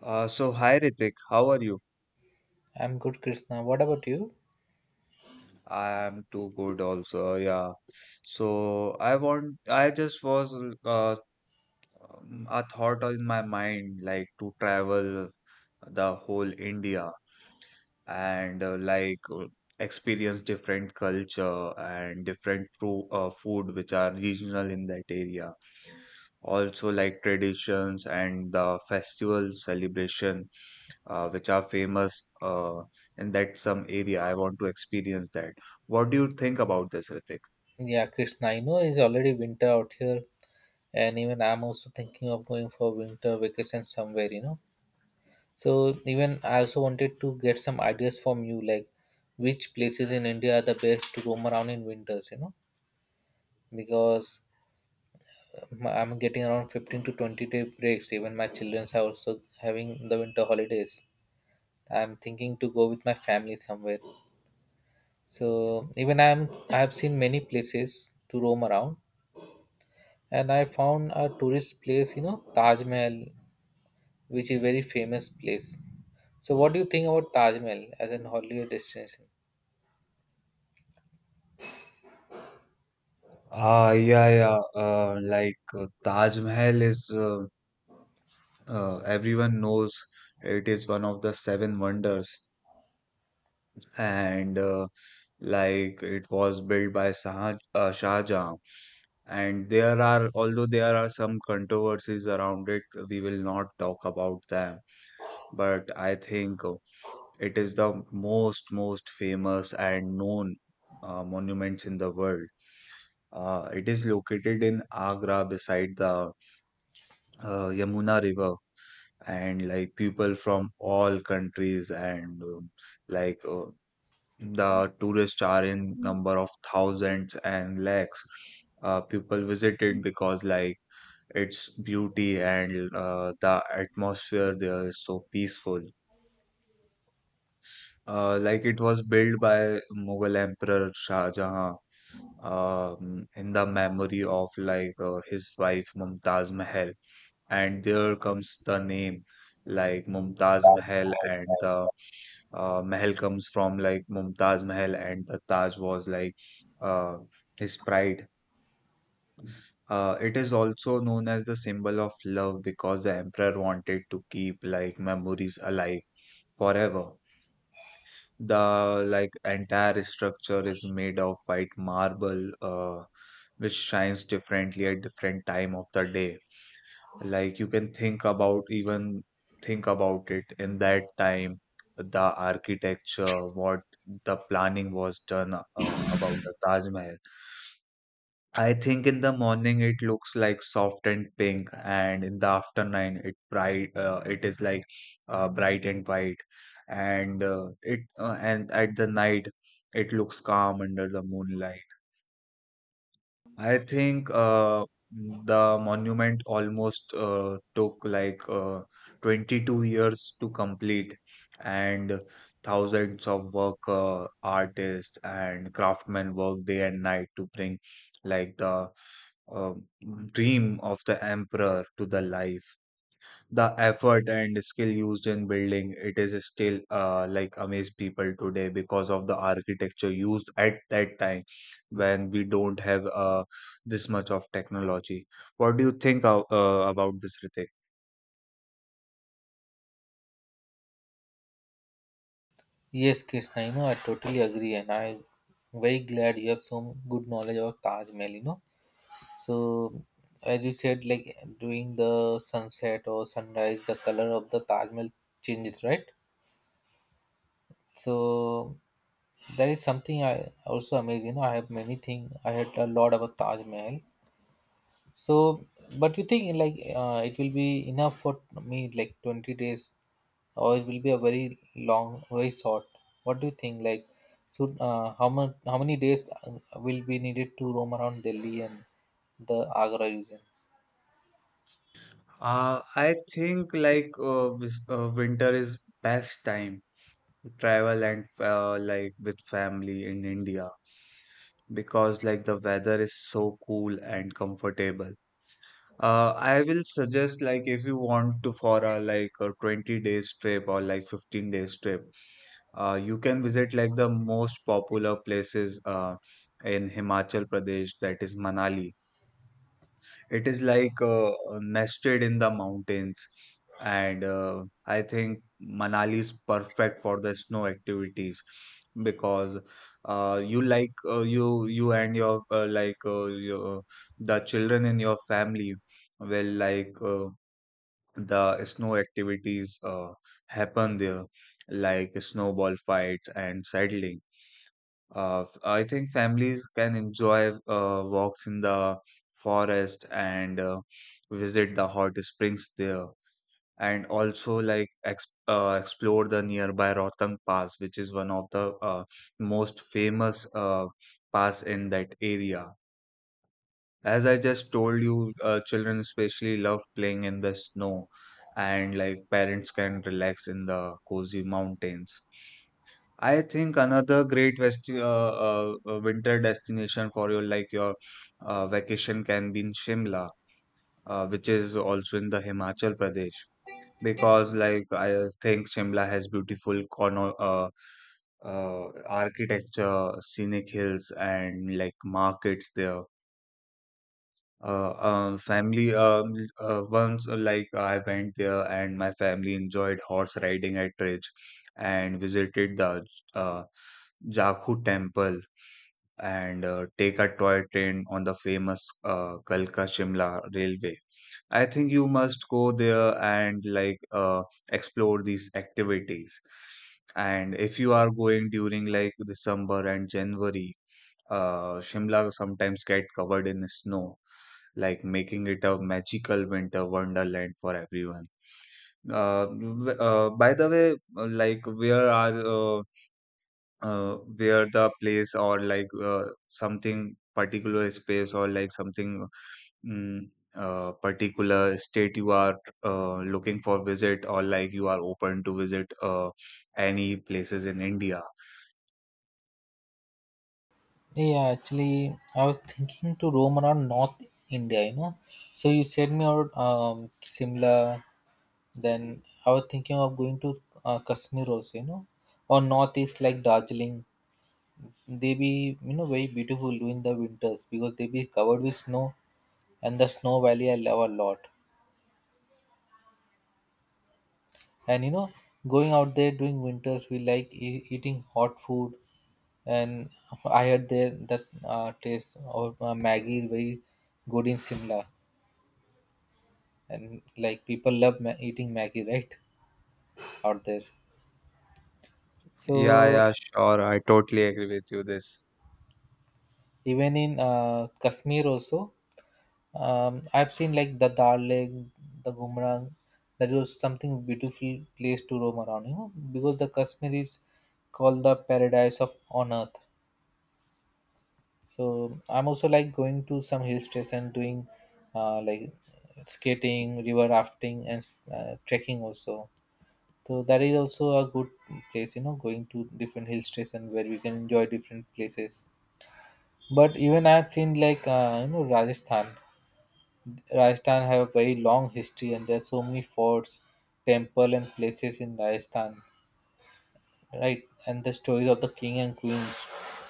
So hi Ritik, how are you? I'm good, Krishna. What about you? I'm too good also, yeah. I just was uh, a thought in my mind like to travel the whole India and experience different culture and different fru food which are regional in that area. Also like traditions and the festival celebration which are famous in that some area. I want to experience that. What do you think about this, Ritik? Yeah, Krishna, I know it's already winter out here, and even I'm also thinking of going for winter vacation somewhere, you know. So, even I also wanted to get some ideas from you, like which places in India are the best to roam around in winters, you know, because I'm getting around 15 to 20 day breaks. Even my childrens are also having the winter holidays. I'm thinking to go with my family somewhere. So, even I have seen many places to roam around, and I found a tourist place, you know, Taj Mahal, which is very famous place. So, what do you think about Taj Mahal as an holiday destination? Ah, yeah, yeah. Taj Mahal is everyone knows it is one of the seven wonders, and like it was built by Shah Jahan. Although there are some controversies around it, we will not talk about them. But I think it is the most famous and known monuments in the world. It is located in Agra beside the Yamuna River, and like people from all countries and like uh, the tourists are in number of thousands and lakhs. People visit it because like its beauty and the atmosphere there is so peaceful. Like it was built by Mughal Emperor Shah Jahan in the memory of his wife Mumtaz Mahal, and there comes the name like Mumtaz Mahal, and the Mahal comes from like Mumtaz Mahal, and the Taj was like uh, his pride. It is also known as the symbol of love because the emperor wanted to keep like memories alive forever. The like entire structure is made of white marble, which shines differently at different time of the day. Like you can think about, even think about it, in that time, the architecture, what the planning was done about the Taj Mahal. I think in the morning it looks like soft and pink, and in the afternoon it bright. It is like bright and white, and at the night it looks calm under the moonlight. I think the monument almost took 22 years to complete, and thousands of work artists and craftsmen work day and night to bring like the uh, dream of the emperor to the life. The effort and skill used in building it is still amaze people today because of the architecture used at that time, when we don't have this much of technology. What do you think about this, Ritik? Yes, Krishna, you know, I totally agree, and I very glad you have some good knowledge about Taj Mahal, you know. So, as you said, like during the sunset or sunrise, the color of the Taj Mahal changes, right? So, that is something I also amazing. You know, I have many things, I heard a lot about Taj Mahal. So, but you think like it will be enough for me like 20 days, or it will be a very long, very short? What do you think? Like, so how much, how many days will be needed to roam around Delhi and the Agra region? I think winter is best time to travel and like with family in India, because like the weather is so cool and comfortable. I will suggest, like if you want to for a like a 20 days trip or like 15 days trip, you can visit like the most popular places in Himachal Pradesh, that is Manali. It is nested in the mountains, and I think Manali is perfect for the snow activities because you and your the children in your family will like the snow activities happen there, like snowball fights and cycling. I think families can enjoy walks in the forest and visit the hot springs there, and also like ex explore the nearby Rohtang Pass, which is one of the most famous pass in that area. As I just told you, children especially love playing in the snow, and like parents can relax in the cozy mountains. I think another great winter destination for your vacation can be in Shimla, which is also in the Himachal Pradesh. Because like I think Shimla has beautiful cono architecture, scenic hills, and like markets there. Family once like I went there and my family enjoyed horse riding at Ridge and visited the uh, Jakhu temple, and take a toy train on the famous Kalka Shimla railway. I think you must go there and explore these activities. And if you are going during like December and January, Shimla sometimes get covered in snow, like making it a magical winter wonderland for everyone. By the way, uh, like where are uh, where the place, or like something particular space, or like something, mm, particular state you are looking for visit, or like you are open to visit any places in India? Yeah, actually, I was thinking to roam around North India, you know. So you said me out Simla, then I was thinking of going to Kashmir also, you know, or Northeast like Darjeeling. They be you know very beautiful during the winters because they be covered with snow, and the snow valley I love a lot, and you know, going out there during winters we like eating hot food, and I heard there that taste of maggie is very good in Simla, and like people love eating maggie, right out there. Yeah, So yeah, sure. I totally agree with you this. even in Kashmir also, I've seen like the Dal Lake, the Gumrang. That was something beautiful place to roam around, you know, because the Kashmir is called the paradise of on earth. So I'm also like going to some hill station, doing like skating, river rafting, and trekking also. So that is also a good place, you know, going to different hill station where we can enjoy different places. But even I've seen like you know Rajasthan. Rajasthan have a very long history, and there are so many forts, temple, and places in Rajasthan, right? And the stories of the king and queens,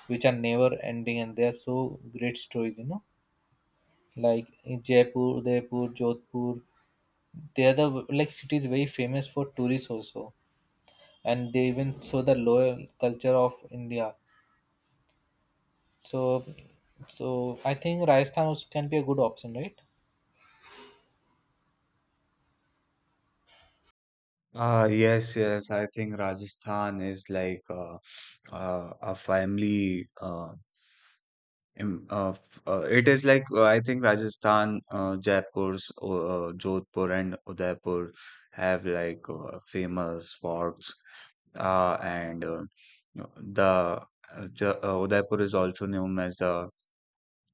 which are never ending, and they are so great stories, you know. Like in Jaipur, Udaipur, Jodhpur, they are the like cities very famous for tourists also, and they even show the loyal culture of India. So, so I think Rajasthan also can be a good option, right? Yes, yes. I think Rajasthan is like a family. Im- f- it is like I think Rajasthan, Jaipur, Jodhpur, and Udaipur have like famous forts. And you know, the Udaipur is also known as the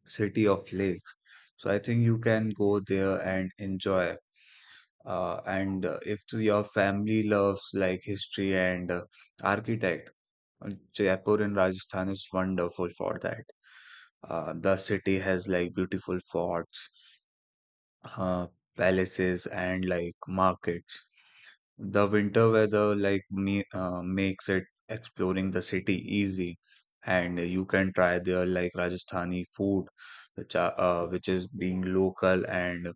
city of lakes. So I think you can go there and enjoy. And if your family loves like history and architect, Jaipur in Rajasthan is wonderful for that. The city has like beautiful forts, uh, palaces, and like markets. The winter weather like me makes it exploring the city easy, and you can try their like Rajasthani food, which is being local, and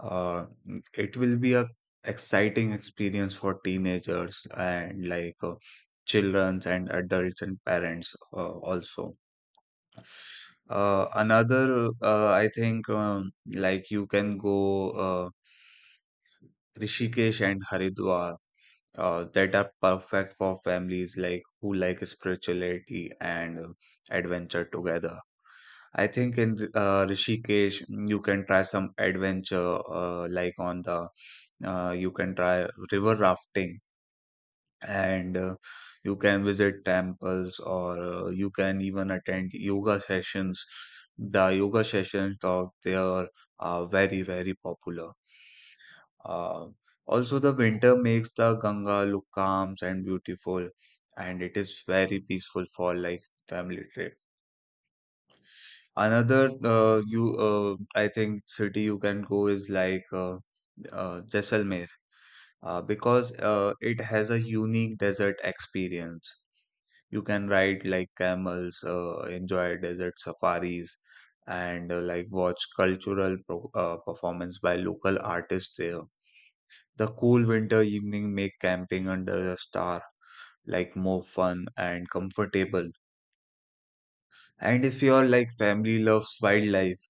uh, it will be a exciting experience for teenagers and like childrens and adults and parents also. Another, I think, like you can go. Rishikesh and Haridwar that are perfect for families, like who like spirituality and adventure together. I think in Rishikesh, you can try some adventure, like on the you can try river rafting, and you can visit temples, or you can even attend yoga sessions. The yoga sessions of there are very very popular. uh, Also, the winter makes the Ganga look calm and beautiful, and it is very peaceful for like family trip. Another you I think city you can go is like Jaisalmer, because it has a unique desert experience. You can ride like camels, enjoy desert safaris, and like watch cultural pro performance by local artists there. The cool winter evening make camping under the star like more fun and comfortable. And if your like family loves wildlife,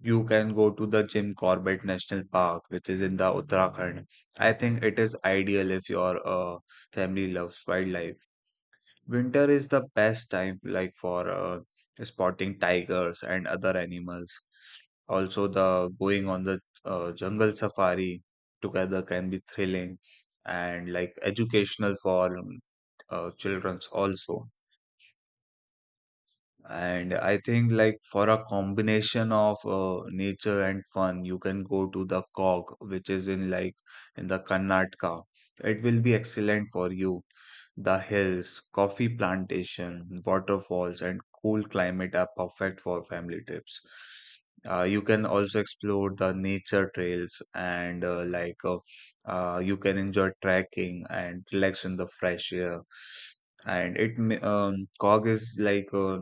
you can go to the Jim Corbett National Park, which is in the Uttarakhand. I think it is ideal if your family loves wildlife. Winter is the best time like for spotting tigers and other animals. Also, the going on the jungle safari together can be thrilling and like educational for children's also. And I think like for a combination of nature and fun, you can go to the Cog, which is in like in the Karnataka. It will be excellent for you. The hills, coffee plantation, waterfalls, and cool climate are perfect for family trips. You can also explore the nature trails and you can enjoy trekking and relax in the fresh air. Cog is like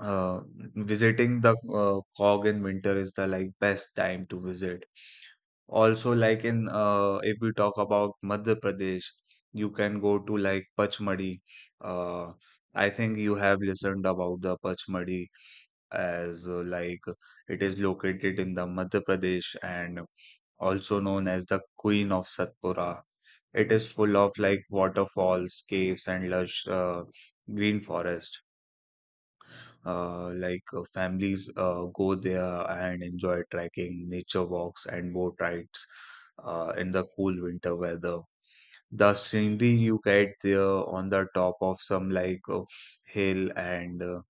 uh, visiting the Cog in winter is the like best time to visit. Also, like in if we talk about Madhya Pradesh, you can go to like Pachmadi. Uh, I think you have listened about the Pachmadi as like it is located in the Madhya Pradesh and also known as the Queen of Satpura. It is full of like waterfalls, caves, and lush green forest. Families go there and enjoy trekking, nature walks, and boat rides in the cool winter weather. The scenery you get there on the top of some like hill and uh,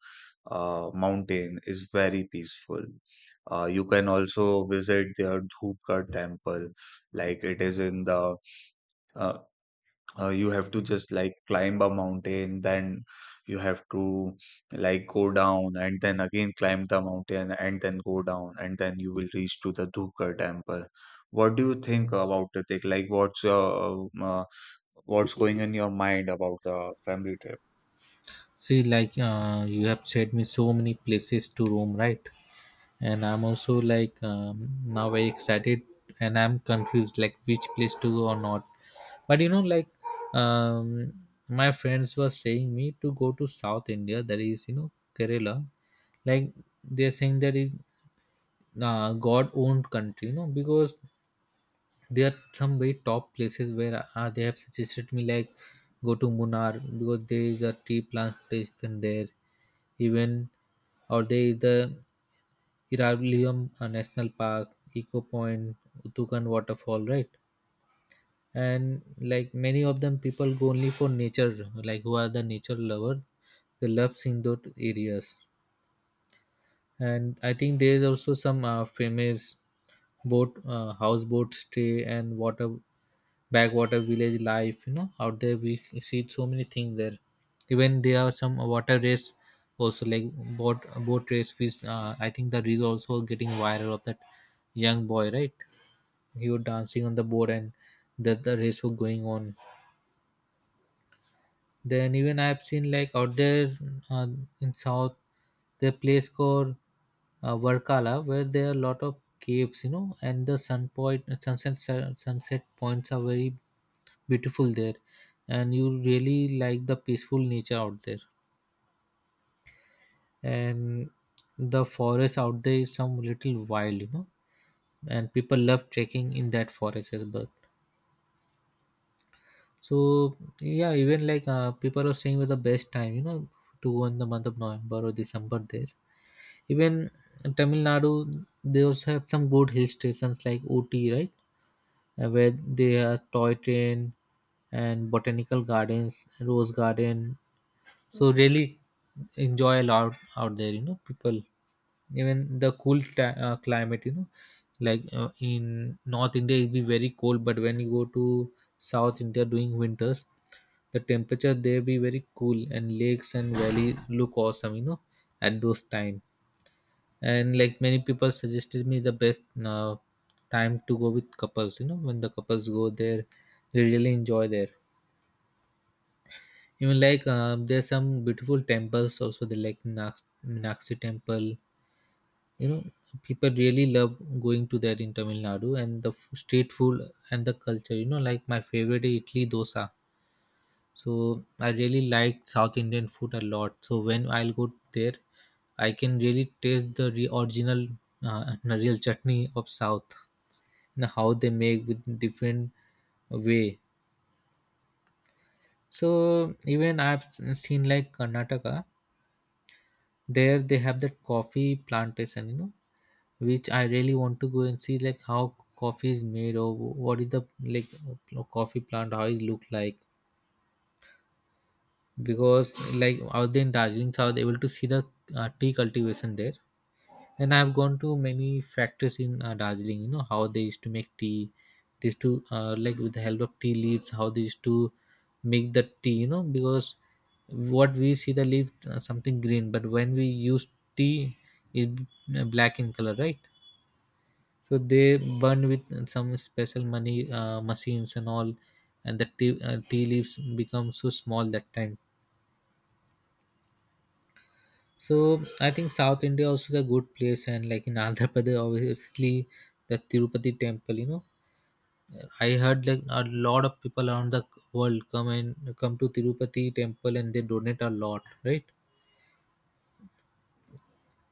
uh, mountain is very peaceful. You can also visit their Dhupkar temple, like it is in the uh, you have to just like climb a mountain, then you have to like go down, and then again climb the mountain and then go down, and then you will reach to the Dhukar temple. What do you think about it, like what's your what's going in your mind about the family trip? See, like you have said me so many places to roam, right? And I'm also like now very excited, and I'm confused like which place to go or not. But you know like, um my friends were saying me to go to South India, that is you know Kerala. Like, they're saying that it god owned country, you know, because there are some very top places where they have suggested me, like go to Munnar because there is a tea plantation there. Even, or there is the Hiralium National Park, Eco Point, Utukan Waterfall, right? And like many of them, people go only for nature. Like who are the nature lover, they love seeing those areas, and I think there is also some famous boat houseboat stay and water, backwater village life, you know, out there we see so many things there. Even there are some water race also, like boat boat race, which I think that is also getting viral of that young boy, right? He was dancing on the board, and the race was going on. Then even I've seen like out there, uh, in south, the place called Varkala, where there are a lot of caves, you know, and the sun point, sunset points are very beautiful there, and you really like the peaceful nature out there, and the forest out there is some little wild, you know, and people love trekking in that forest as well. So yeah, even like people are saying with the best time, you know, to go in the month of November or December there. Even in Tamil Nadu, they also have some good hill stations like Ooty, right? Where they are toy train and botanical gardens, rose garden. So really enjoy a lot out there, you know, people. Even the cool climate, you know, like in North India, it be very cold, but when you go to South India during winters, the temperature there be very cool, and lakes and valley look awesome, you know, at those time. And like many people suggested me the best time to go with couples, you know, when the couples go there, they really enjoy there. Even like there's some beautiful temples also, they like Meenakshi temple, you know, people really love going to that in Tamil Nadu. And the street food and the culture, you know, like my favorite is idli dosa. So I really like South Indian food a lot, so when I'll go there, I can really taste the original real chutney of South, and how they make with different way. So even I've seen like Karnataka, there they have that coffee plantation, you know, which I really want to go and see, like how coffee is made or what is the like coffee plant, how it look like. Because like out there in Darjeeling, so I was able to see the tea cultivation there. And I've gone to many factories in Darjeeling, you know how they used to make tea. They used to like with the help of tea leaves, how they used to make the tea, you know, because what we see, the leaf something green, but when we use tea, it black in color, right? So they burn with some special money machines and all, and the tea leaves become so small that time. So I think South India also is a good place, and like in Andhra Pradesh, obviously the Tirupati temple. You know, I heard like a lot of people around the world come to Tirupati temple, and they donate a lot, right?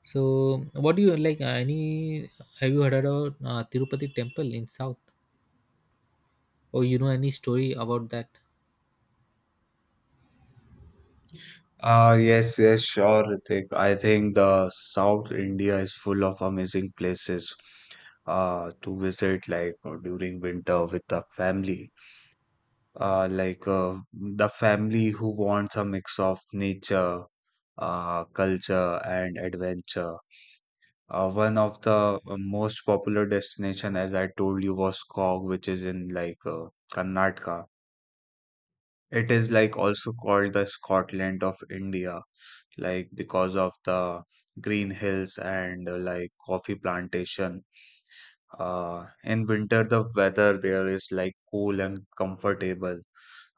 So what do you like? Any, have you heard about Tirupati temple in South, or you know any story about that? Yes, yes, sure, Ritik. I think the South India is full of amazing places to visit, like during winter with the family. The family who wants a mix of nature, culture, and adventure. One of the most popular destination, as I told you, was Skog, which is in like Karnataka. It is like also called the Scotland of India, like because of the green hills and like coffee plantation. In winter, the weather there is like cool and comfortable.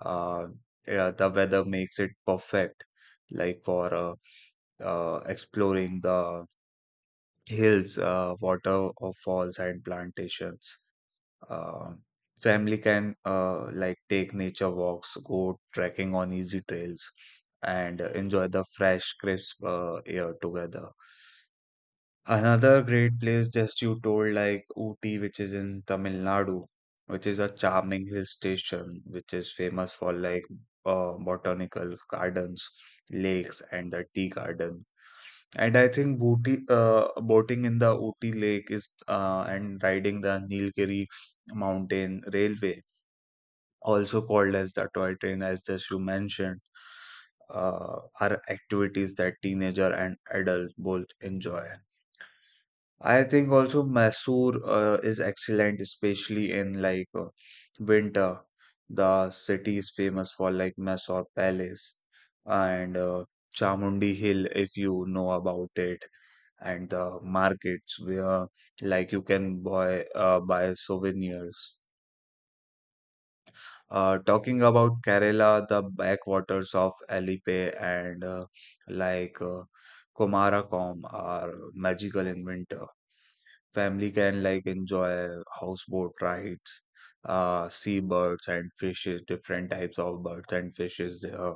Uh, yeah, the weather makes it perfect, like for exploring the hills, waterfalls, and plantations. Uh, Family can like take nature walks, go trekking on easy trails, and enjoy the fresh, crisp air together. Another great place just you told like Ooty, which is in Tamil Nadu, which is a charming hill station, which is famous for like botanical gardens, lakes, and the tea garden. And I think boating in the Ooty Lake is and riding the Nilgiri Mountain Railway, also called as the toy train, as just you mentioned, are activities that teenager and adult both enjoy. I think also Mysore is excellent, especially in like winter. The city is famous for like Mysore Palace and Chamundi Hill, if you know about it, and the markets where like you can buy souvenirs. Talking about Kerala, the backwaters of Alipe and like uh, Kumarakom are magical in winter. Family can like enjoy houseboat rides, see birds and fishes, different types of birds and fishes there,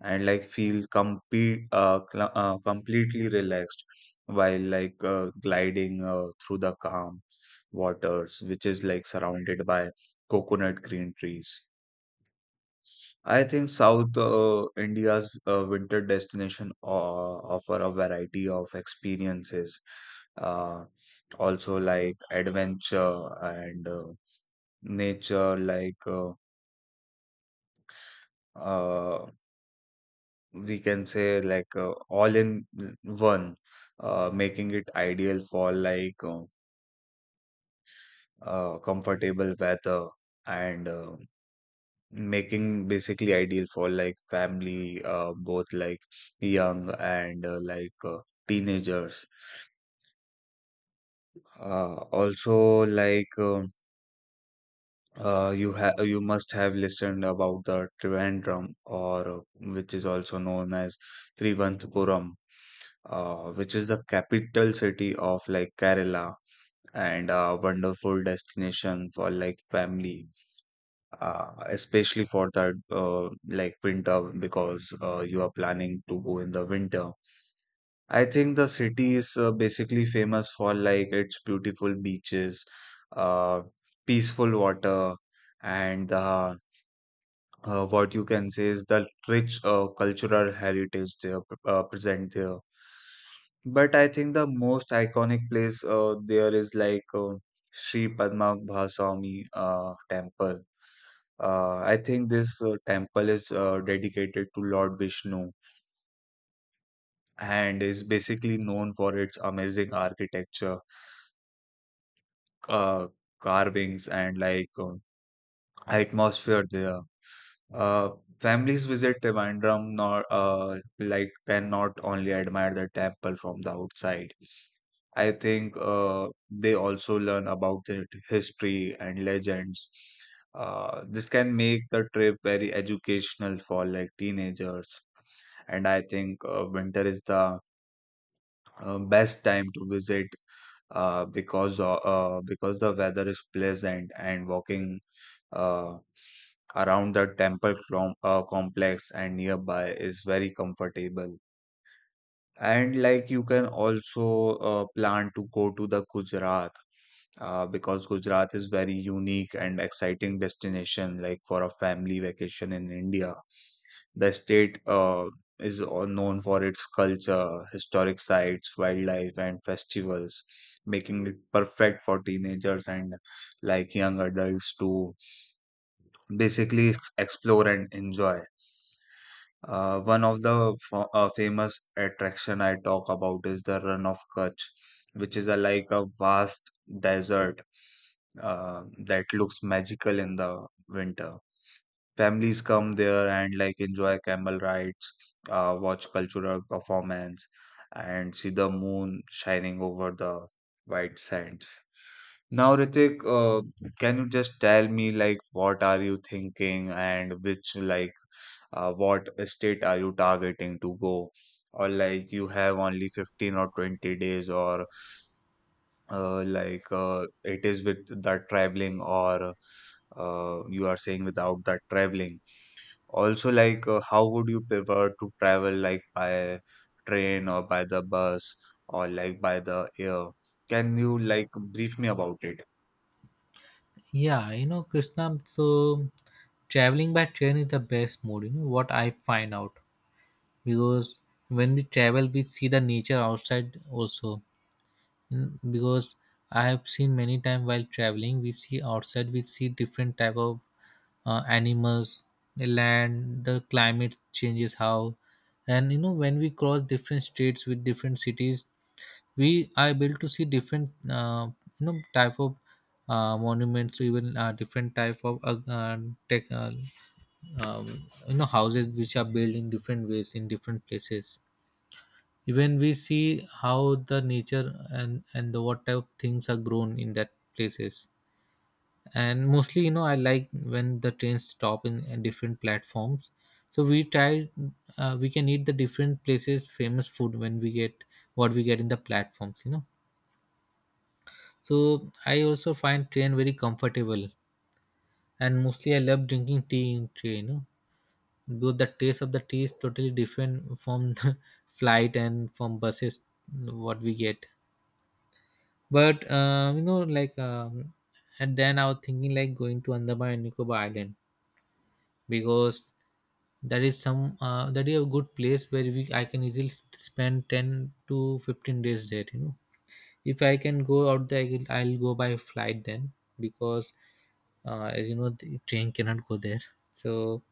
and like feel completely relaxed while like gliding through the calm waters, which is like surrounded by coconut green trees. I think South India's winter destination offer a variety of experiences, uh, also like adventure and nature, like uh, we can say like all in one, making it ideal for like comfortable weather, and making basically ideal for like family, both like young and teenagers. Also, like you must have listened about the Trivandrum, or which is also known as Trivandrum, which is the capital city of like Kerala and a wonderful destination for like family, especially for that like winter, because you are planning to go in the winter. I think the city is basically famous for like its beautiful beaches, uh, peaceful water, and what you can say is the rich cultural heritage there present there. But I think the most iconic place there is like Sri Padma Bhaswami temple. I think this temple is dedicated to Lord Vishnu and is basically known for its amazing architecture, uh, carvings, and like atmosphere there. Uh, Families visit Trivandrum, not like, cannot only admire the temple from the outside. I think they also learn about the history and legends. This can make the trip very educational for like teenagers. And I think winter is the best time to visit, because the weather is pleasant and walking uh, around the temple complex and nearby is very comfortable. And like you can also plan to go to the Gujarat, because Gujarat is very unique and exciting destination like for a family vacation in India. The state is all known for its culture, historic sites, wildlife, and festivals, making it perfect for teenagers and like young adults to basically explore and enjoy. One of the famous attraction I talk about is the Run of Kutch, which is like a vast desert that looks magical in the winter. Families come there and like enjoy camel rides, watch cultural performance, and see the moon shining over the white sands. Now, Ritik, can you just tell me like what are you thinking, and which like, what state are you targeting to go? Or like you have only 15 or 20 days? Or it is with that traveling, or you are saying without that traveling also? Like, how would you prefer to travel, like by train or by the bus or like by the air? Can you like brief me about it? Yeah, you know Krishna. So traveling by train is the best mode. You know what I find out. Because when we travel we see the nature outside also. Mm, because I have seen many times while traveling, we see outside, we see different type of animals, the land, the climate changes how. And you know, when we cross different states with different cities, we are able to see different you know type of monuments, even different type of tech, uh, you know houses which are built in different ways in different places. Even we see how the nature and the what type of things are grown in that places. And mostly you know I like when the trains stop in different platforms, so we can eat the different places famous food when we get, what we get in the platforms, you know. So I also find train very comfortable, and mostly I love drinking tea in train, you know. Because the taste of the tea is totally different from the flight and from buses, what we get. But you know, like, and then I was thinking like going to Andaman and Nicobar Island, because that is a good place where we I can easily spend 10 to 15 days there. You know. If I can go out there, I'll go by flight then, because you know the train cannot go there. So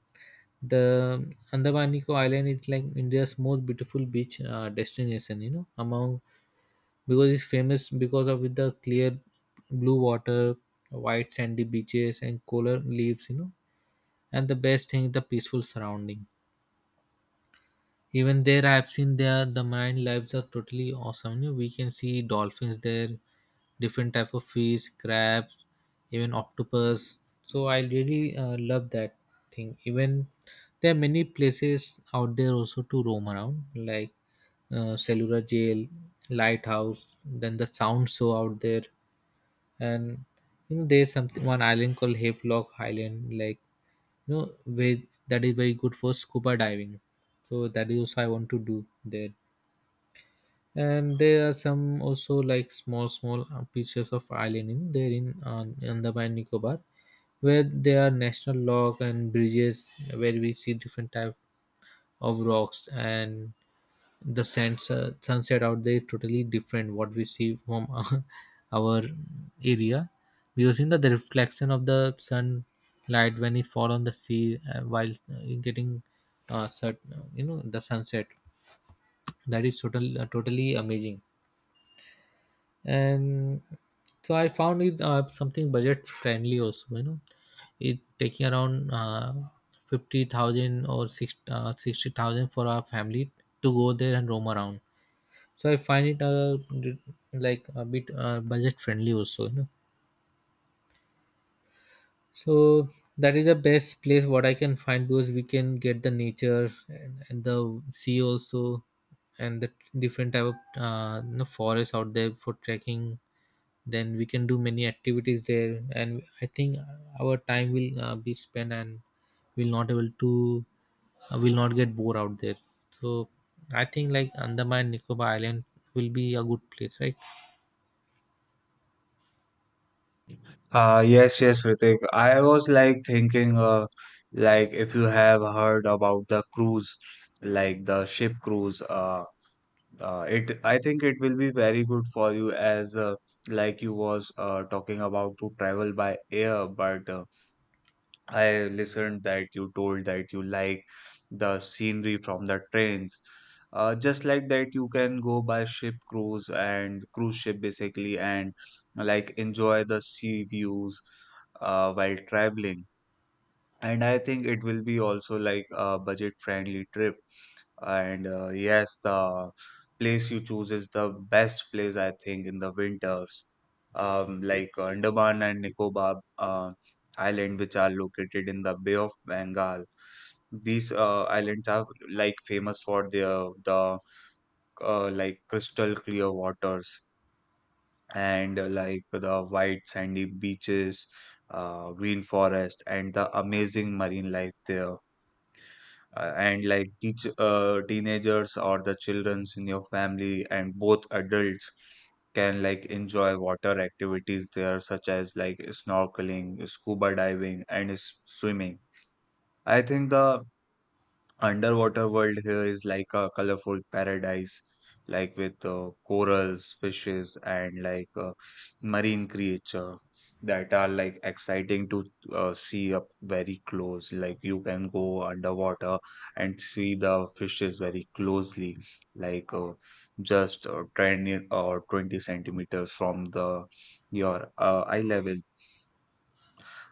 the Andaman Nico Island is like India's most beautiful beach destination. You know, among, because it's famous because of with the clear blue water, white sandy beaches, and cooler leaves. You know, and the best thing is the peaceful surrounding. Even there, I have seen there the marine lives are totally awesome. You know, we can see dolphins there, different type of fish, crabs, even octopus. So I really love that thing. Even there are many places out there also to roam around, like Cellular Jail, Lighthouse, then the Sound Show out there. And you know there's something one island called Havelock Island, like, you know, with, that is very good for scuba diving. So that is also I want to do there. And there are some also like small small pieces of island in there in Andaman and Nicobar, where there are national lock and bridges, where we see different type of rocks and the sands. Sunset out there is totally different what we see from our area. Because in the reflection of the sunlight when it fall on the sea while getting set, you know the sunset, that is totally amazing. And so I found it something budget friendly also, you know, it taking around 50,000 or six 60,000 for our family to go there and roam around. So I find it d- like a bit budget friendly also, you know. So that is the best place what I can find, because we can get the nature and the sea also, and the different type of you know, forest out there for trekking. Then we can do many activities there, and I think our time will be spent, and we'll not able to will not get bored out there. So I think like Andaman Nicobar Island will be a good place, right? Yes, yes, Ritik. I was like thinking, like, if you have heard about the cruise, like the ship cruise, it I think it will be very good for you, as like you was talking about to travel by air, but I listened that you told that you like the scenery from the trains. Just like that, you can go by ship cruise and cruise ship basically and like enjoy the sea views while traveling. And I think it will be also like a budget friendly trip, and yes, the place you choose is the best place, I think, in the winters. Andaman and Nicobar Island, which are located in the Bay of Bengal. These islands are like famous for their the like crystal clear waters and like the white sandy beaches, green forest, and the amazing marine life there, and like teach teenagers or the childrens in your family, and both adults can like enjoy water activities there, such as like snorkeling, scuba diving, and swimming. I think the underwater world here is like a colorful paradise, like with corals, fishes, and like marine creature that are like exciting to see up very close. Like you can go underwater and see the fishes very closely, like just 10 or 20 centimeters from the your eye level.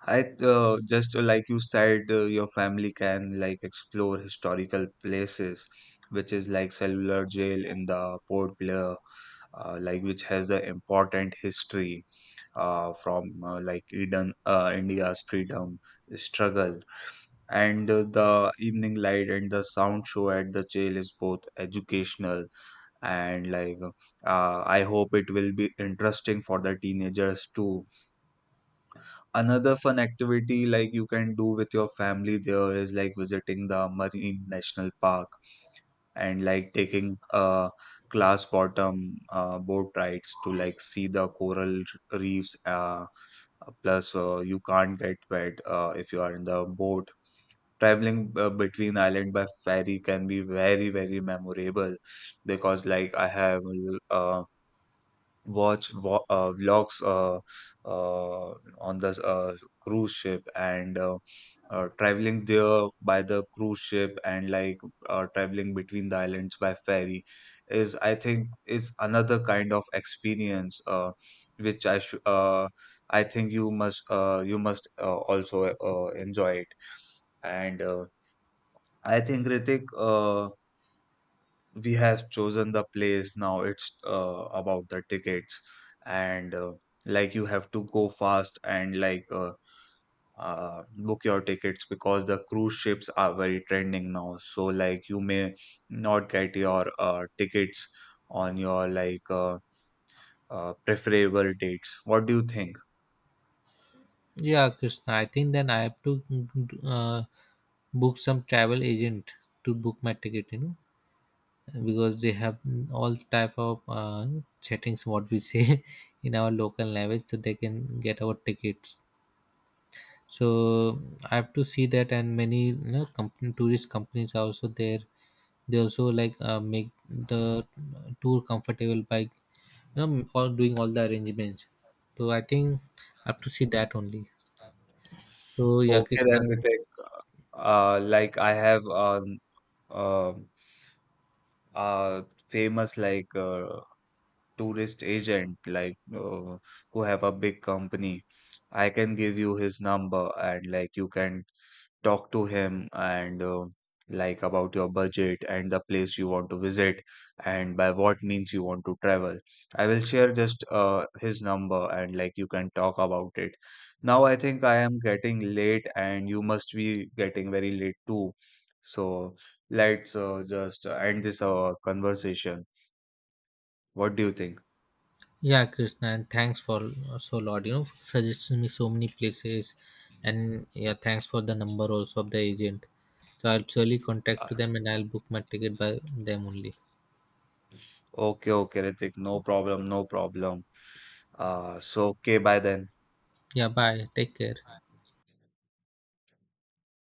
I just Like you said, your family can like explore historical places, which is like cellular jail in the Port Blair, like which has the important history from like India's freedom struggle. And the evening light and the sound show at the jail is both educational, and like I hope it will be interesting for the teenagers too. Another fun activity like you can do with your family there is like visiting the Marine National Park and like taking glass bottom boat rides to like see the coral reefs. Plus you can't get wet if you are in the boat. Traveling between island by ferry can be very very memorable because like I have uh, watch vlogs uh, on the cruise ship and traveling there by the cruise ship, and like traveling between the islands by ferry is, I think, is another kind of experience, which I should I think you must, also enjoy it. And I think, Ritik, we have chosen the place. Now it's about the tickets, and like you have to go fast and like book your tickets because the cruise ships are very trending now, so like you may not get your tickets on your like preferable dates. What do you think? Yeah, Krishna. I think then I have to uh, book some travel agent to book my ticket. You know, because they have all type of settings, what we say in our local language, so they can get our tickets. So I have to see that, and many you know company, tourist companies are also there. They also like make the tour comfortable by you know all doing all the arrangements. So I think I have to see that only. So yeah, Okay, Krishna. then, Vitek, like I have uh, uh famous like tourist agent, like who have a big company. I can give you his number and like you can talk to him and like about your budget and the place you want to visit and by what means you want to travel. I will share just his number and like you can talk about it. Now I think I am getting late and you must be getting very late too. So let's just end this conversation. What do you think? Yeah, Krishna, and thanks for so lot. You know, suggesting me so many places, and yeah, thanks for the number also of the agent. So I'll surely contact to them, and I'll book my ticket by them only. Okay, okay, Ritik. No problem, no problem. So okay, bye then. Yeah, bye. Take care.